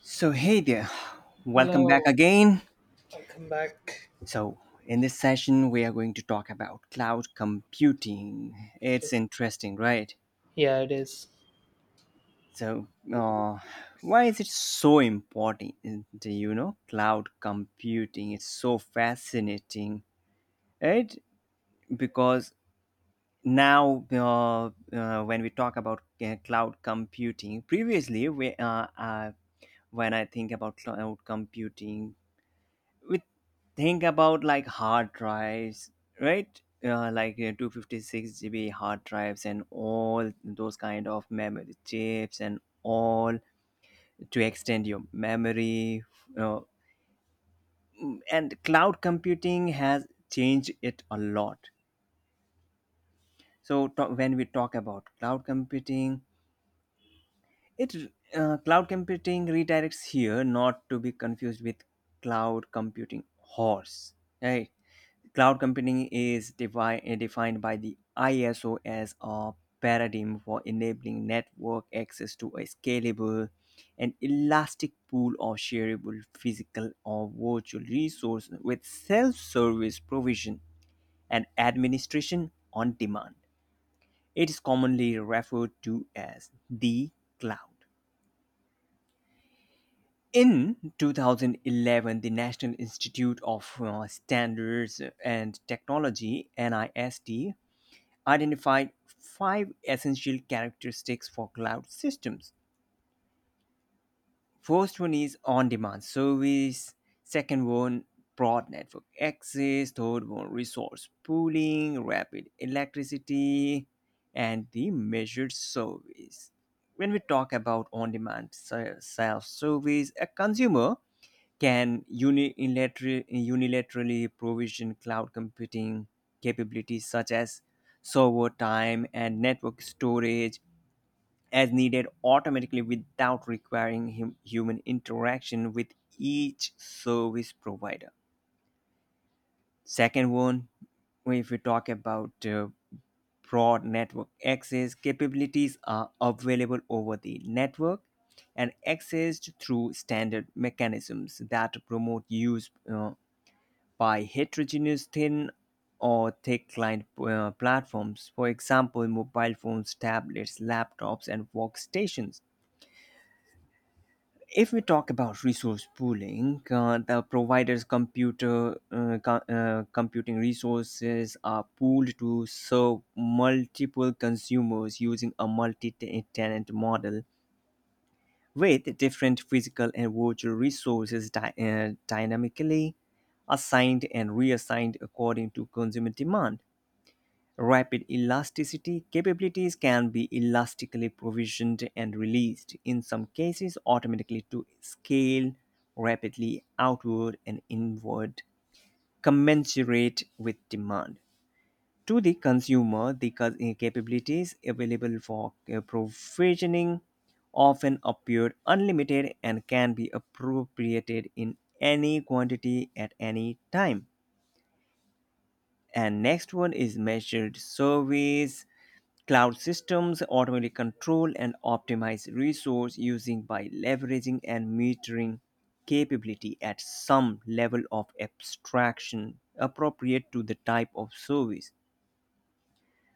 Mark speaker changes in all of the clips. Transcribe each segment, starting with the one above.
Speaker 1: So, hey there, welcome back
Speaker 2: Hello,
Speaker 1: again.
Speaker 2: welcome back.
Speaker 1: So, in this session, we are going to talk about cloud computing. It's
Speaker 2: Yes.
Speaker 1: interesting, right?
Speaker 2: Yeah, it is.
Speaker 1: So, uh, why is it so important? Do you know, cloud computing, it's so fascinating, right? Because now, when we talk about cloud computing, previously, when I think about cloud computing, we think about like hard drives, right, like 256 GB hard drives and all those kind of memory chips and all to extend your memory, uh, and cloud computing has changed it a lot. When we talk about cloud computing, it cloud computing redirects here, not to be confused with cloud computing horse, right? Cloud computing is defined by the ISO as a paradigm for enabling network access to a scalable and elastic pool of shareable physical or virtual resources with self service provision and administration on demand. It is commonly referred to as the cloud. In 2011, the National Institute of Standards and Technology, NIST, identified five essential characteristics for cloud systems. First one is on-demand service. Second one, broad network access. Third one, resource pooling, rapid electricity, and the measured service. When we talk about self-service, a consumer can unilaterally provision cloud computing capabilities such as server time and network storage as needed automatically without requiring human interaction with each service provider. Second one, if we talk about broad network access, capabilities are available over the network and accessed through standard mechanisms that promote use by heterogeneous thin or thick client platforms, for example, mobile phones, tablets, laptops, and workstations. If we talk about resource pooling, the provider's computing resources are pooled to serve multiple consumers using a multi-tenant model with different physical and virtual resources dynamically assigned and reassigned according to consumer demand. Rapid elasticity capabilities can be elastically provisioned and released, in some cases automatically to scale rapidly outward and inward, commensurate with demand. To the consumer, the capabilities available for provisioning often appear unlimited and can be appropriated in any quantity at any time. And next one is measured service. Cloud systems automatically control and optimize resource using by leveraging and metering capability at some level of abstraction appropriate to the type of service.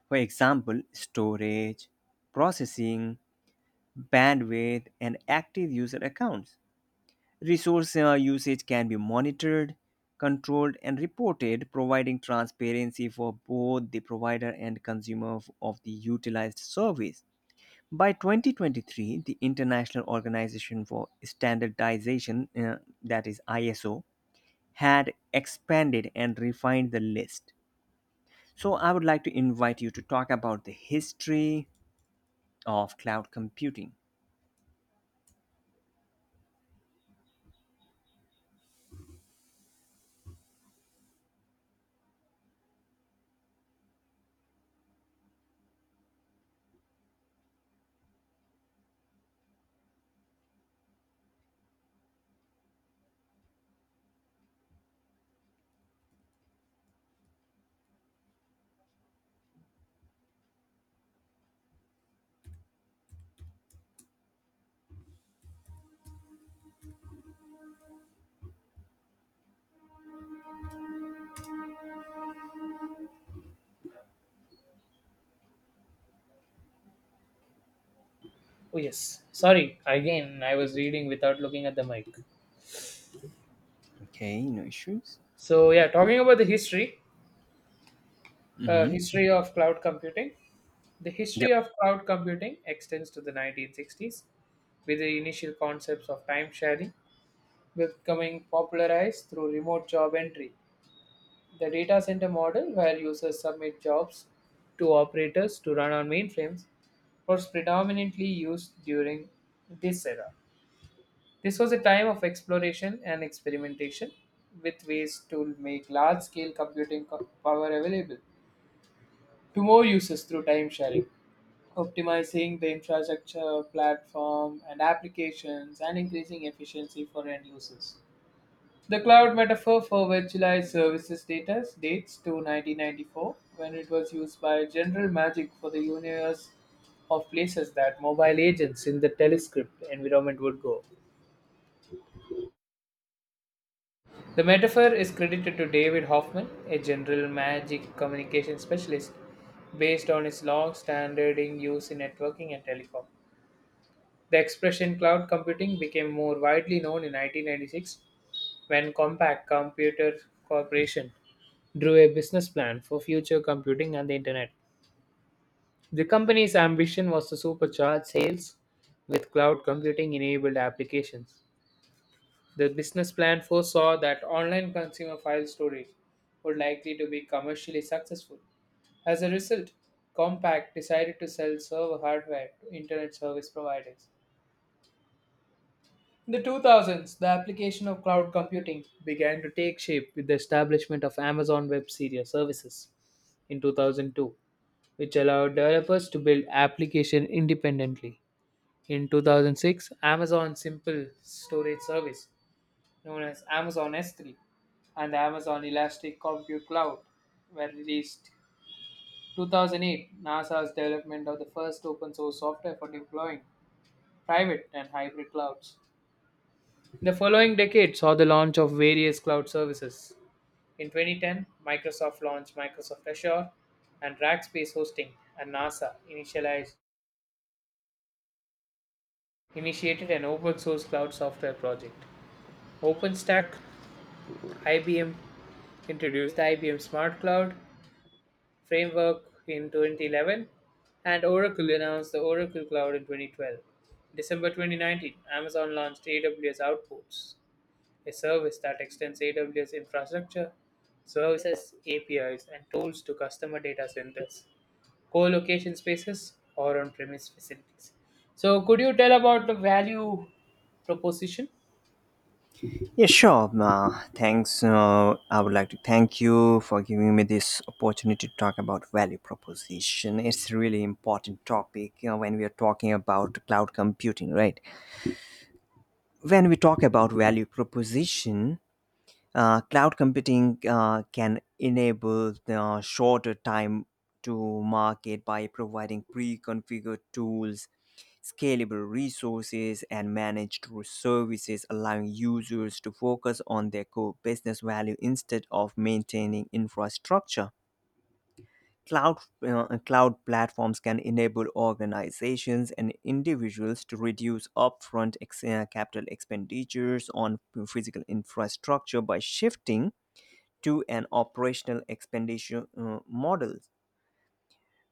Speaker 1: For example, storage, processing, bandwidth, and active user accounts. Resource usage can be monitored, controlled, and reported, providing transparency for both the provider and consumer of the utilized service. By 2023, the International Organization for Standardization, that is ISO, had expanded and refined the list. So, I would like to invite you to talk about the history of cloud computing.
Speaker 2: Oh, yes. Sorry, again, I was reading without looking at the mic.
Speaker 1: Okay, no issues.
Speaker 2: So, yeah, talking about the history of cloud computing. The
Speaker 1: Yep.
Speaker 2: history of cloud computing extends to the 1960s, with the initial concepts of time sharing becoming popularized through remote job entry. The data center model, where users submit jobs to operators to run on mainframes, was predominantly used during this era. This was a time of exploration and experimentation with ways to make large scale computing power available to more users through time sharing, optimizing the infrastructure, platform, and applications, and increasing efficiency for end users. The cloud metaphor for virtualized services data dates to 1994, when it was used by General Magic for the universe of places that mobile agents in the telescript environment would go. The metaphor is credited to David Hoffman, a General Magic communication specialist, based on his long standing use in networking and telecom. The expression cloud computing became more widely known in 1996 when Compaq Computer Corporation drew a business plan for future computing and the internet. The company's ambition was to supercharge sales with cloud computing enabled applications. The business plan foresaw that online consumer file storage would likely to be commercially successful. As a result, Compaq decided to sell server hardware to internet service providers. In the 2000s, the application of cloud computing began to take shape with the establishment of Amazon Web Series Services in 2002, which allowed developers to build application independently. In 2006, Amazon Simple Storage Service, known as Amazon S3, and the Amazon Elastic Compute Cloud were released. 2008, NASA's development of the first open source software for deploying private and hybrid clouds. The following decade saw the launch of various cloud services. In 2010, Microsoft launched Microsoft Azure and Rackspace Hosting, and NASA initialized, initiated an open source cloud software project. OpenStack, IBM introduced the IBM Smart Cloud framework in 2011, and Oracle announced the Oracle Cloud in 2012. December 2019, Amazon launched AWS Outposts, a service that extends AWS infrastructure, services, APIs, and tools to customer data centers, co-location spaces, or on-premise facilities. So, could you tell about the value proposition?
Speaker 1: Yeah, sure. Thanks. I would like to thank you for giving me this opportunity to talk about value proposition. It's a really important topic, when we are talking about cloud computing, right? When we talk about value proposition, cloud computing can enable the shorter time to market by providing pre-configured tools, scalable resources, and managed services, allowing users to focus on their core business value instead of maintaining infrastructure. Cloud, cloud platforms can enable organizations and individuals to reduce upfront capital expenditures on physical infrastructure by shifting to an operational expenditure model,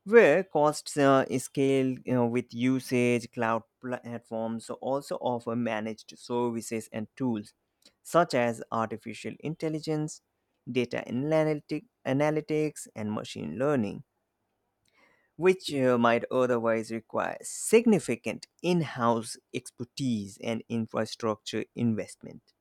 Speaker 1: where costs scale, with usage. Cloud platforms also offer managed services and tools such as artificial intelligence, analytics, and machine learning, which might otherwise require significant in house expertise and infrastructure investment.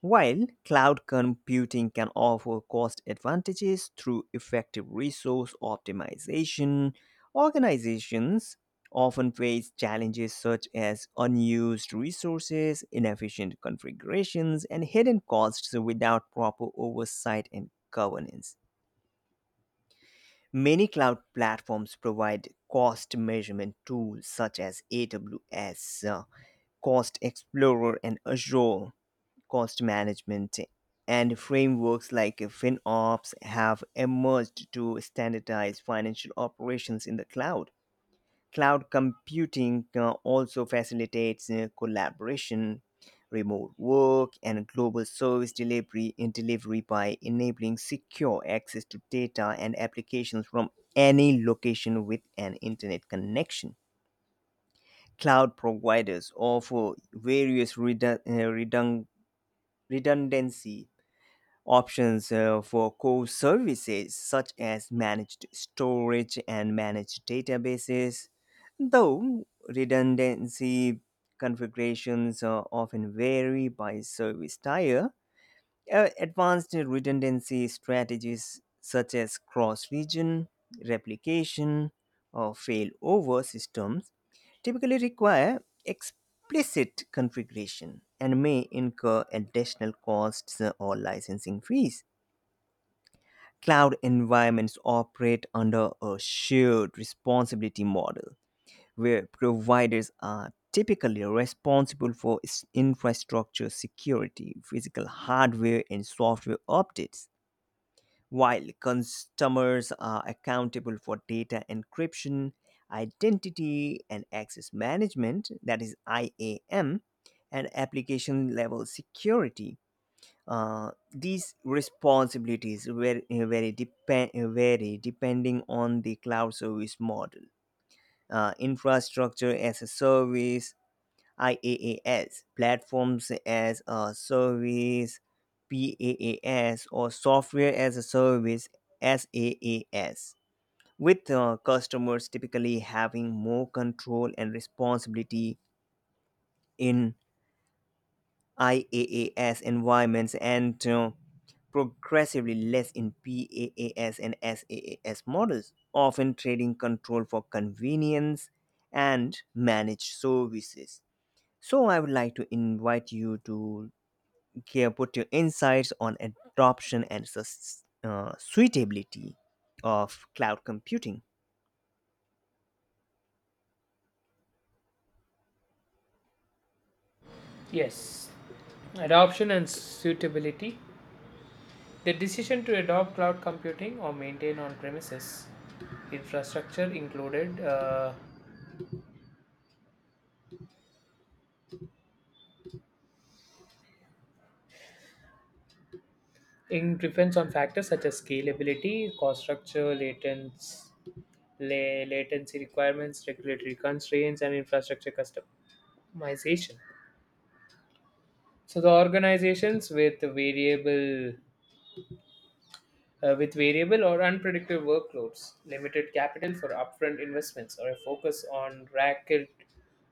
Speaker 1: While cloud computing can offer cost advantages through effective resource optimization, organizations often face challenges such as unused resources, inefficient configurations, and hidden costs without proper oversight and governance. Many cloud platforms provide cost measurement tools such as AWS Cost Explorer and Azure Cost Management, and frameworks like FinOps have emerged to standardize financial operations in the cloud. Cloud computing also facilitates collaboration, remote work, and global service delivery by enabling secure access to data and applications from any location with an internet connection. Cloud providers offer various redundancy options for core services such as managed storage and managed databases, though redundancy configurations often vary by service tier. Advanced redundancy strategies such as cross region replication or failover systems typically require explicit configuration and may incur additional costs or licensing fees. Cloud environments operate under a shared responsibility model where providers are typically responsible for infrastructure security, physical hardware, and software updates, while customers are accountable for data encryption, identity and access management, that is IAM, and application level security. These responsibilities vary depending on the cloud service model. Infrastructure as a service, IaaS, platforms as a service, PaaS, or software as a service, SaaS. With customers typically having more control and responsibility in IaaS environments, and progressively less in PAAS and SAAS models, often trading control for convenience and managed services. So, I would like to invite you to here put your insights on adoption and suitability of cloud computing.
Speaker 2: Yes. Adoption and suitability. The decision to adopt cloud computing or maintain on premises infrastructure included in depends on factors such as scalability, cost structure, latency, latency requirements, regulatory constraints, and infrastructure customization. So the organizations with variable or unpredictable workloads, limited capital for upfront investments, or a focus on rapid,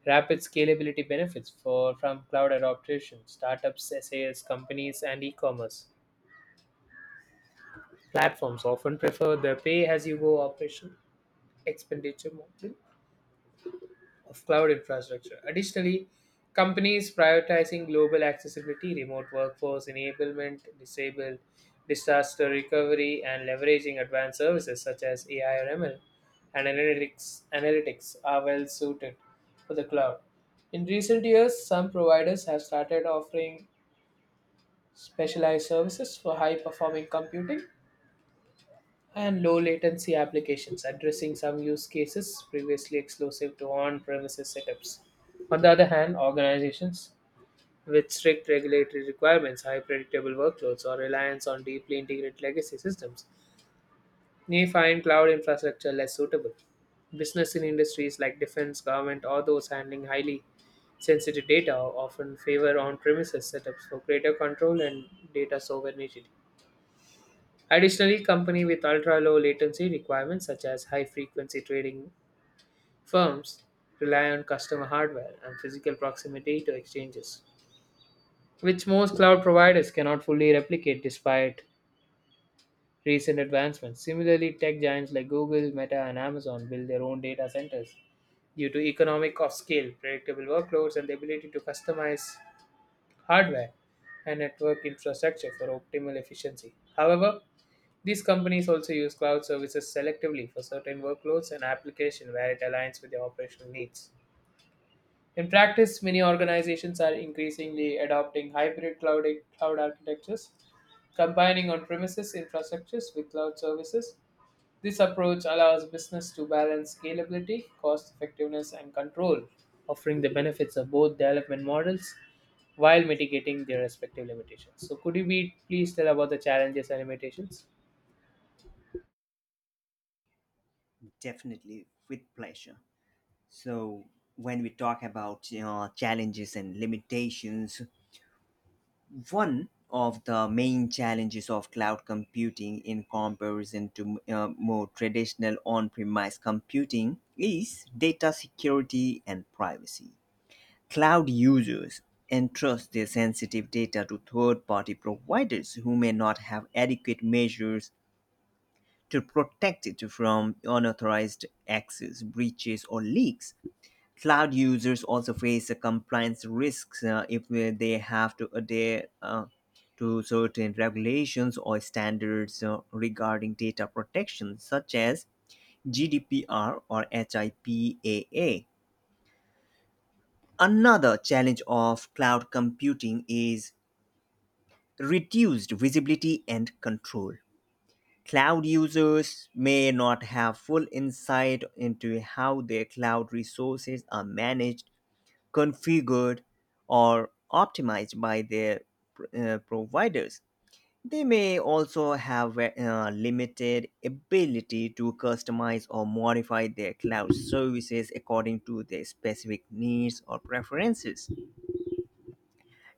Speaker 2: rapid scalability benefits for from cloud adoption, startups, SaaS companies, and e-commerce platforms often prefer the pay-as-you-go operation expenditure model of cloud infrastructure. Additionally, companies prioritizing global accessibility, remote workforce enablement, disabled disaster recovery, and leveraging advanced services such as AI or ML and analytics are well suited for the cloud. In recent years, some providers have started offering specialized services for high performing computing and low latency applications addressing some use cases previously exclusive to on premises setups. On the other hand, organizations with strict regulatory requirements, high predictable workloads, or reliance on deeply integrated legacy systems may find cloud infrastructure less suitable. Business in industries like defense, government, or those handling highly sensitive data often favor on premises setups for greater control and data sovereignty. Additionally, companies with ultra-low latency requirements such as high-frequency trading firms rely on customer hardware and physical proximity to exchanges, which most cloud providers cannot fully replicate despite recent advancements. Similarly, tech giants like Google, Meta, and Amazon build their own data centers due to economic of scale, predictable workloads, and the ability to customize hardware and network infrastructure for optimal efficiency. However, these companies also use cloud services selectively for certain workloads and applications where it aligns with their operational needs. In practice, many organizations are increasingly adopting hybrid cloud architectures, combining on premises infrastructures with cloud services. This approach allows business to balance scalability, cost effectiveness, and control, offering the benefits of both development models while mitigating their respective limitations. So, could you be please tell about the challenges and limitations?
Speaker 1: Definitely, with pleasure. So, when we talk about, challenges and limitations, one of the main challenges of cloud computing in comparison to more traditional on premise computing is data security and privacy. Cloud users entrust their sensitive data to third party providers who may not have adequate measures to protect it from unauthorized access, breaches, or leaks. Cloud users also face compliance risks if they have to adhere to certain regulations or standards regarding data protection, such as GDPR or HIPAA. Another challenge of cloud computing is reduced visibility and control. Cloud users may not have full insight into how their cloud resources are managed, configured, or optimized by their providers. They may also have limited ability to customize or modify their cloud services according to their specific needs or preferences.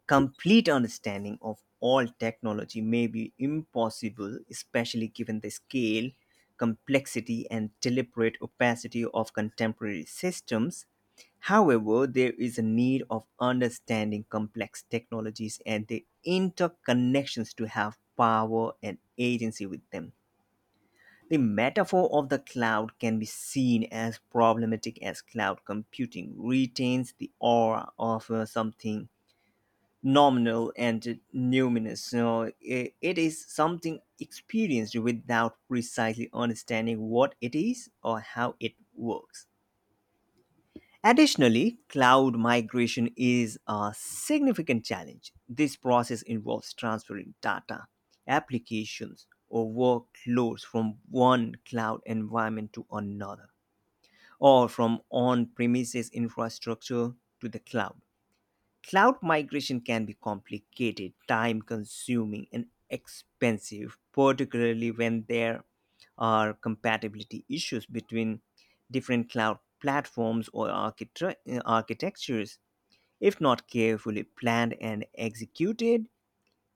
Speaker 1: Complete understanding of all technology may be impossible, especially given the scale, complexity, and deliberate opacity of contemporary systems. However, there is a need of understanding complex technologies and their interconnections to have power and agency with them. The metaphor of the cloud can be seen as problematic, as cloud computing retains the aura of something nominal and numinous. It is something experienced without precisely understanding what it is or how it works. Additionally, cloud migration is a significant challenge. This process involves transferring data, applications, or workloads from one cloud environment to another, or from on premises infrastructure to the cloud. Cloud migration can be complicated, time consuming, and expensive, particularly when there are compatibility issues between different cloud platforms or architectures. If not carefully planned and executed,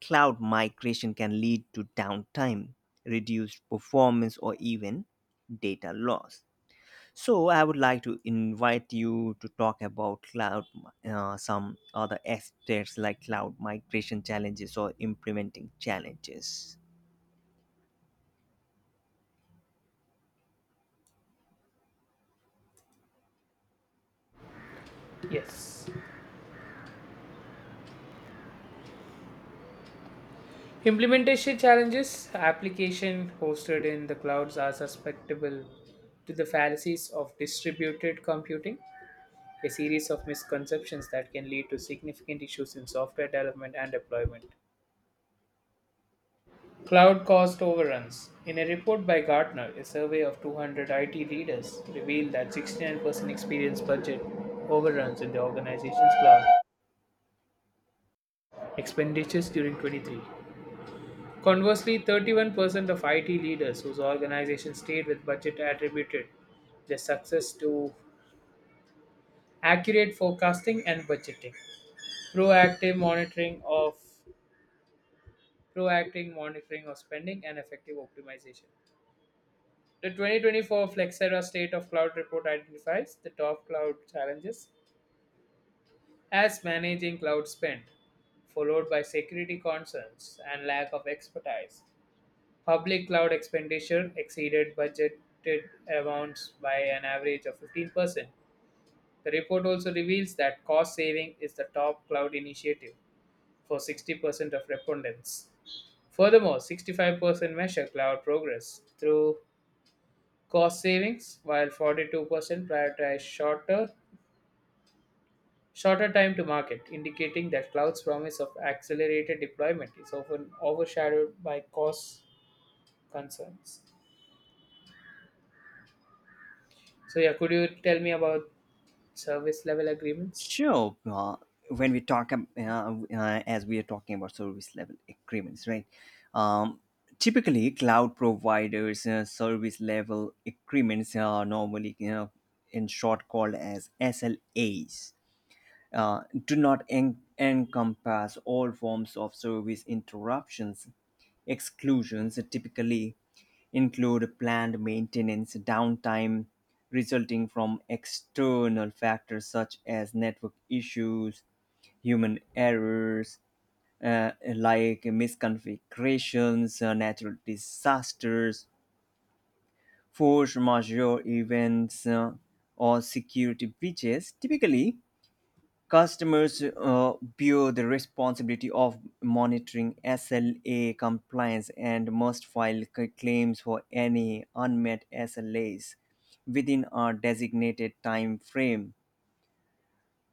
Speaker 1: cloud migration can lead to downtime, reduced performance, or even data loss. So I would like to invite you to talk about some other aspects like cloud migration challenges or implementing challenges.
Speaker 2: Yes. Implementation challenges application hosted in the clouds are susceptible to the fallacies of distributed computing, a series of misconceptions that can lead to significant issues in software development and deployment. Cloud cost overruns. In a report by Gartner, a survey of 200 IT leaders revealed that 69% experienced budget overruns in the organization's cloud expenditures during 23. Conversely, 31% of IT leaders whose organizations stayed with budget attributed their success to accurate forecasting and budgeting, proactive monitoring of proactive monitoring of spending and effective optimization. The 2024 Flexera State of Cloud report identifies the top cloud challenges as managing cloud spend, followed by security concerns and lack of expertise. Public cloud expenditure exceeded budgeted amounts by an average of 15%. The report also reveals that cost saving is the top cloud initiative for 60% of respondents. Furthermore, 65% measure cloud progress through cost savings, while 42% prioritize shorter time to market, indicating that cloud's promise of accelerated deployment is often overshadowed by cost concerns. So yeah, could you tell me about service level agreements?
Speaker 1: Sure. When we talk, ab- as we are talking about service level agreements, right? Um, typically, cloud providers' service level agreements are normally, you know, in short, called as SLAs, do not encompass all forms of service interruptions. Exclusions typically include planned maintenance downtime resulting from external factors such as network issues, human errors, like misconfigurations, natural disasters, force majeure events, or security breaches. Typically, customers bear the responsibility of monitoring SLA compliance and must file claims for any unmet SLAs within a designated time frame.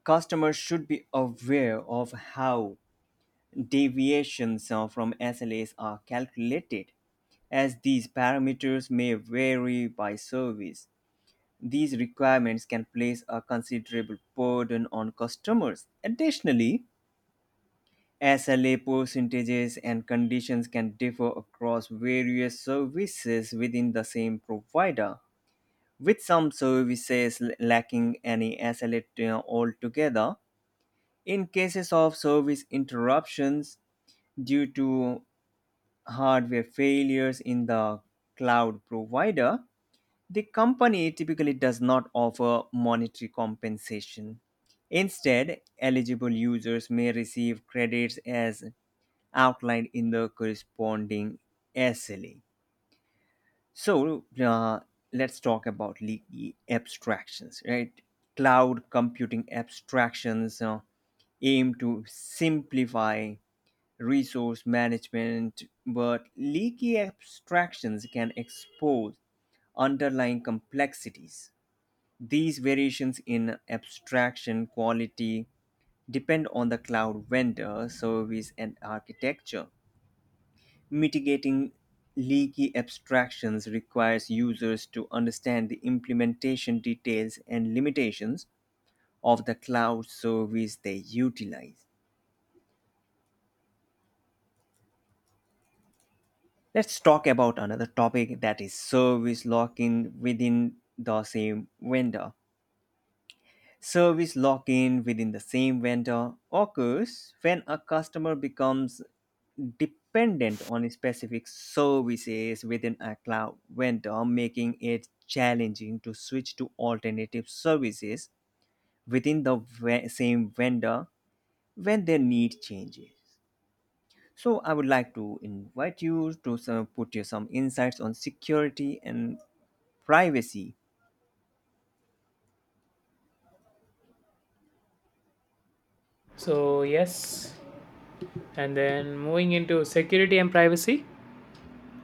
Speaker 1: Customers should be aware of how deviations from SLAs are calculated, as these parameters may vary by service. These requirements can place a considerable burden on customers. Additionally, SLA percentages and conditions can differ across various services within the same provider, with some services lacking any SLA altogether. In cases of service interruptions due to hardware failures in the cloud provider, the company typically does not offer monetary compensation. Instead, eligible users may receive credits as outlined in the corresponding SLA. So let's talk about leaky abstractions, right? Cloud computing abstractions aim to simplify resource management, but leaky abstractions can expose underlying complexities. These variations in abstraction quality depend on the cloud vendor, service, and architecture. Mitigating leaky abstractions requires users to understand the implementation details and limitations of the cloud service they utilize. Let's talk about another topic, that is service lock in within the same vendor. Service lock in within the same vendor occurs when a customer becomes dependent on specific services within a cloud vendor, making it challenging to switch to alternative services within the same vendor when their need changes. So, I would like to invite you to some, put you some insights on security and privacy.
Speaker 2: So, yes. And then moving into security and privacy.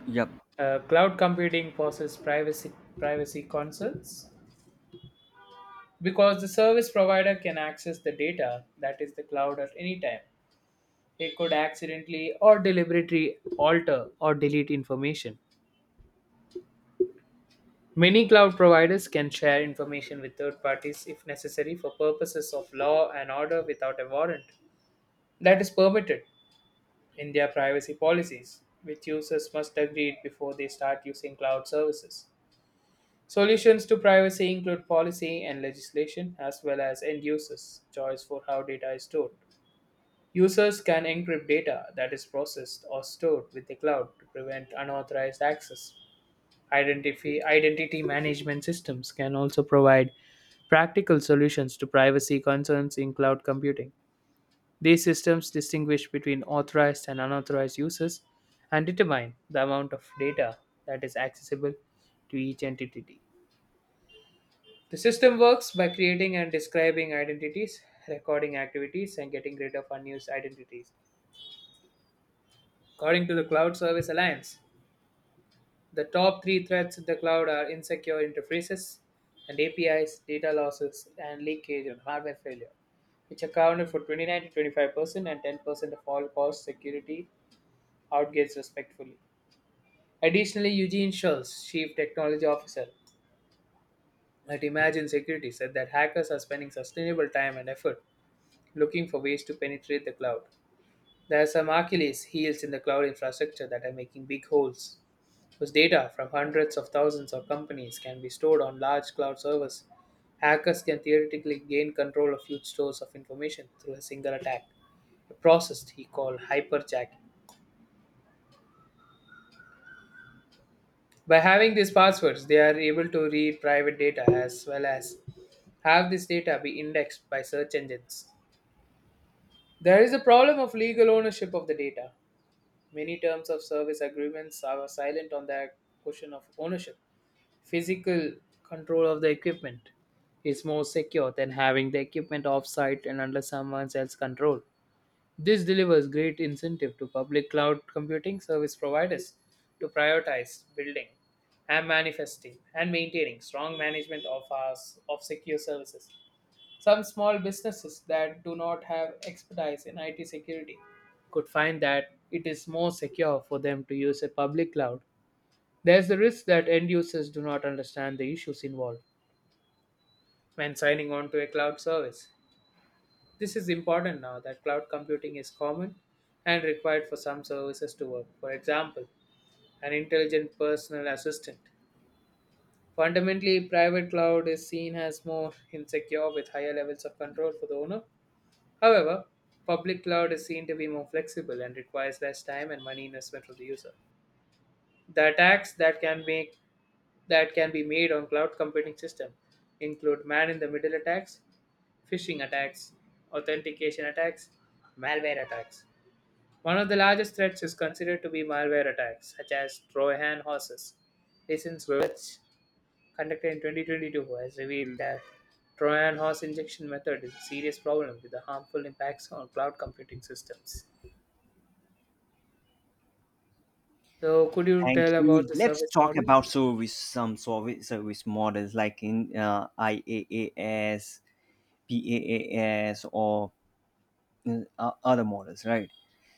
Speaker 1: Yep.
Speaker 2: Cloud computing poses privacy concerns because the service provider can access the data that is the cloud at any time. It could accidentally or deliberately alter or delete information. Many cloud providers can share information with third parties if necessary for purposes of law and order without a warrant. That is permitted in their privacy policies, which users must agree before they start using cloud services. Solutions to privacy include policy and legislation, as well as end users' choice for how data is stored. Users can encrypt data that is processed or stored with the cloud to prevent unauthorized access. Identity management systems can also provide practical solutions to privacy concerns in cloud computing. These systems distinguish between authorized and unauthorized users and determine the amount of data that is accessible to each entity. The system works by creating and describing identities, recording activities, and getting rid of unused identities. According to the Cloud Service Alliance, the top three threats in the cloud are insecure interfaces and APIs, data losses, and leakage and hardware failure, which accounted for 29 to 25% and 10% of all cost security outgates respectfully. Additionally, Eugene Schultz, Chief Technology Officer at Imagine Security, said that hackers are spending sustainable time and effort looking for ways to penetrate the cloud. There are some Achilles heels in the cloud infrastructure that are making big holes, whose data from hundreds of thousands of companies can be stored on large cloud servers. Hackers can theoretically gain control of huge stores of information through a single attack, a process he called hyperjacking. By having these passwords, they are able to read private data as well as have this data be indexed by search engines. There is a problem of legal ownership of the data. Many terms of service agreements are silent on the question of ownership. Physical control of the equipment is more secure than having the equipment off site and under someone else's control. This delivers great incentive to public cloud computing service providers to prioritize building and manifesting and maintaining strong management of our of secure services. Some small businesses that do not have expertise in IT security could find that it is more secure for them to use a public cloud. There's the risk that end users do not understand the issues involved when signing on to a cloud service. This is important now that cloud computing is common and required for some services to work. For example, an intelligent personal assistant. Fundamentally, private cloud is seen as more insecure with higher levels of control for the owner. However, public cloud is seen to be more flexible and requires less time and money investment from the user. The attacks that can make that can be made on cloud computing system include man in the middle attacks, phishing attacks, authentication attacks, malware attacks. One of the largest threats is considered to be malware attacks, such as Trojan horses. Recent research conducted in 2022 has revealed that Trojan horse injection method is a serious problem with the harmful impacts on cloud computing systems. So, could you
Speaker 1: Thank
Speaker 2: tell about
Speaker 1: you.
Speaker 2: the
Speaker 1: Let's
Speaker 2: service
Speaker 1: talk
Speaker 2: model?
Speaker 1: about service some service service models like in IaaS, PaaS, or uh, other models, right?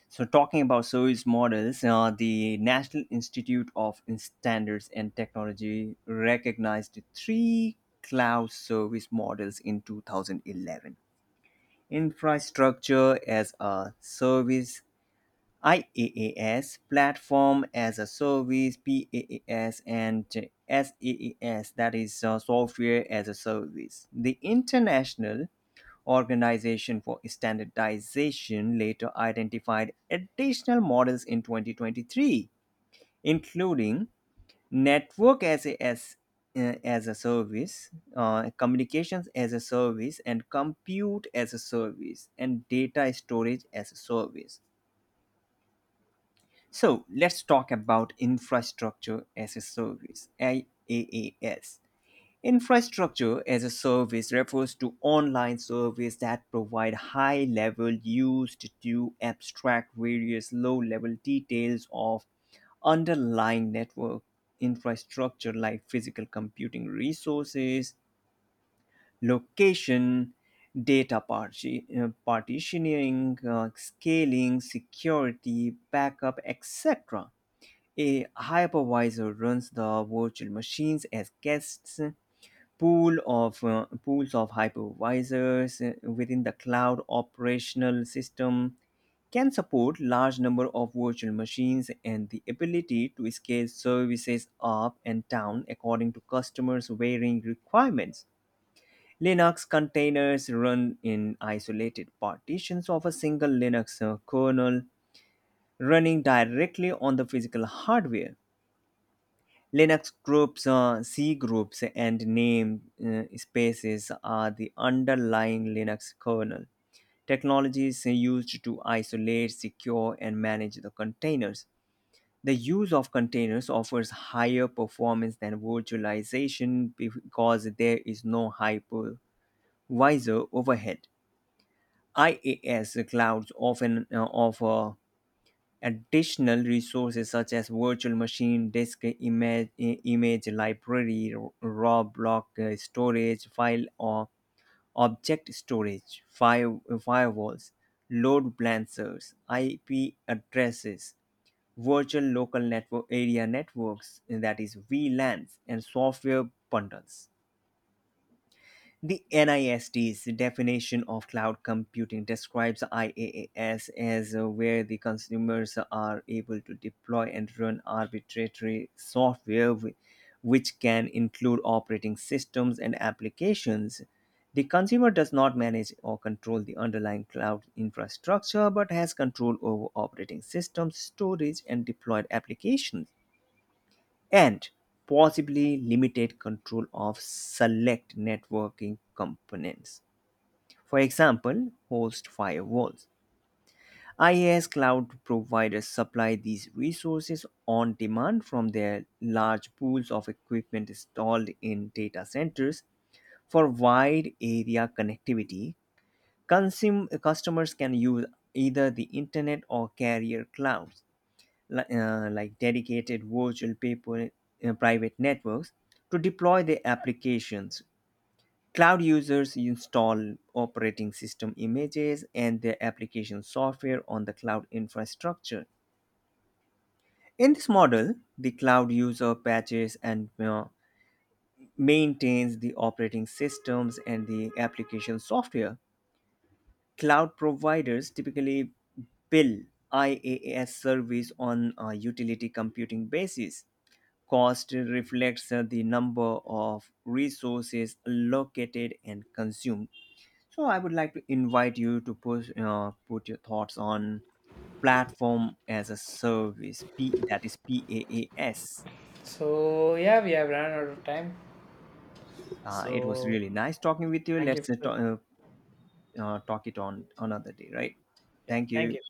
Speaker 1: So, talking about service models, the National Institute of Standards and Technology recognized three cloud service models in 2011: infrastructure as a service, IaaS, platform as a service, PaaS, and SaaS, that is software as a service. The International Organization for Standardization later identified additional models in 2023, including network as a service, communications as a service, and compute as a service, and data storage as a service. So let's talk about infrastructure as a service, IaaS. Infrastructure as a service refers to online service that provide high level used to abstract various low level details of underlying network infrastructure like physical computing resources, location, data partitioning, scaling, security, backup, etc. A hypervisor runs the virtual machines as guests. Pools of hypervisors within the cloud operational system can support large number of virtual machines and the ability to scale services up and down according to customers varying requirements. Linux containers run in isolated partitions of a single Linux kernel running directly on the physical hardware. Linux groups, C groups, and name spaces are the underlying Linux kernel technologies used to isolate, secure, and manage the containers. The use of containers offers higher performance than virtualization because there is no hypervisor overhead. IaaS clouds often offer additional resources such as virtual machine, disk image, image library, raw block storage, file or object storage, firewalls, load balancers, IP addresses, virtual local network area networks, that is VLANs, and software bundles. The NIST's definition of cloud computing describes IaaS as where the consumers are able to deploy and run arbitrary software, which can include operating systems and applications. The consumer does not manage or control the underlying cloud infrastructure but has control over operating systems, storage, and deployed applications, and possibly limited control of select networking components. For example, host firewalls. IaaS cloud providers supply these resources on demand from their large pools of equipment installed in data centers for wide area connectivity. Customers can use either the internet or carrier clouds, like dedicated virtual private networks to deploy their applications. Cloud users install operating system images and their application software on the cloud infrastructure. In this model, the cloud user patches and maintains the operating systems and the application software. Cloud providers typically bill IaaS service on a utility computing basis. Cost reflects the number of resources allocated and consumed. So, I would like to invite you to put your thoughts on platform as a service, P, that is PaaS.
Speaker 2: So, yeah, we have run out of time.
Speaker 1: It was
Speaker 2: So,
Speaker 1: really nice talking with you.
Speaker 2: thank you
Speaker 1: Let's
Speaker 2: for,
Speaker 1: talk it on another day, right?
Speaker 2: yeah,
Speaker 1: Thank
Speaker 2: thank
Speaker 1: you.
Speaker 2: you.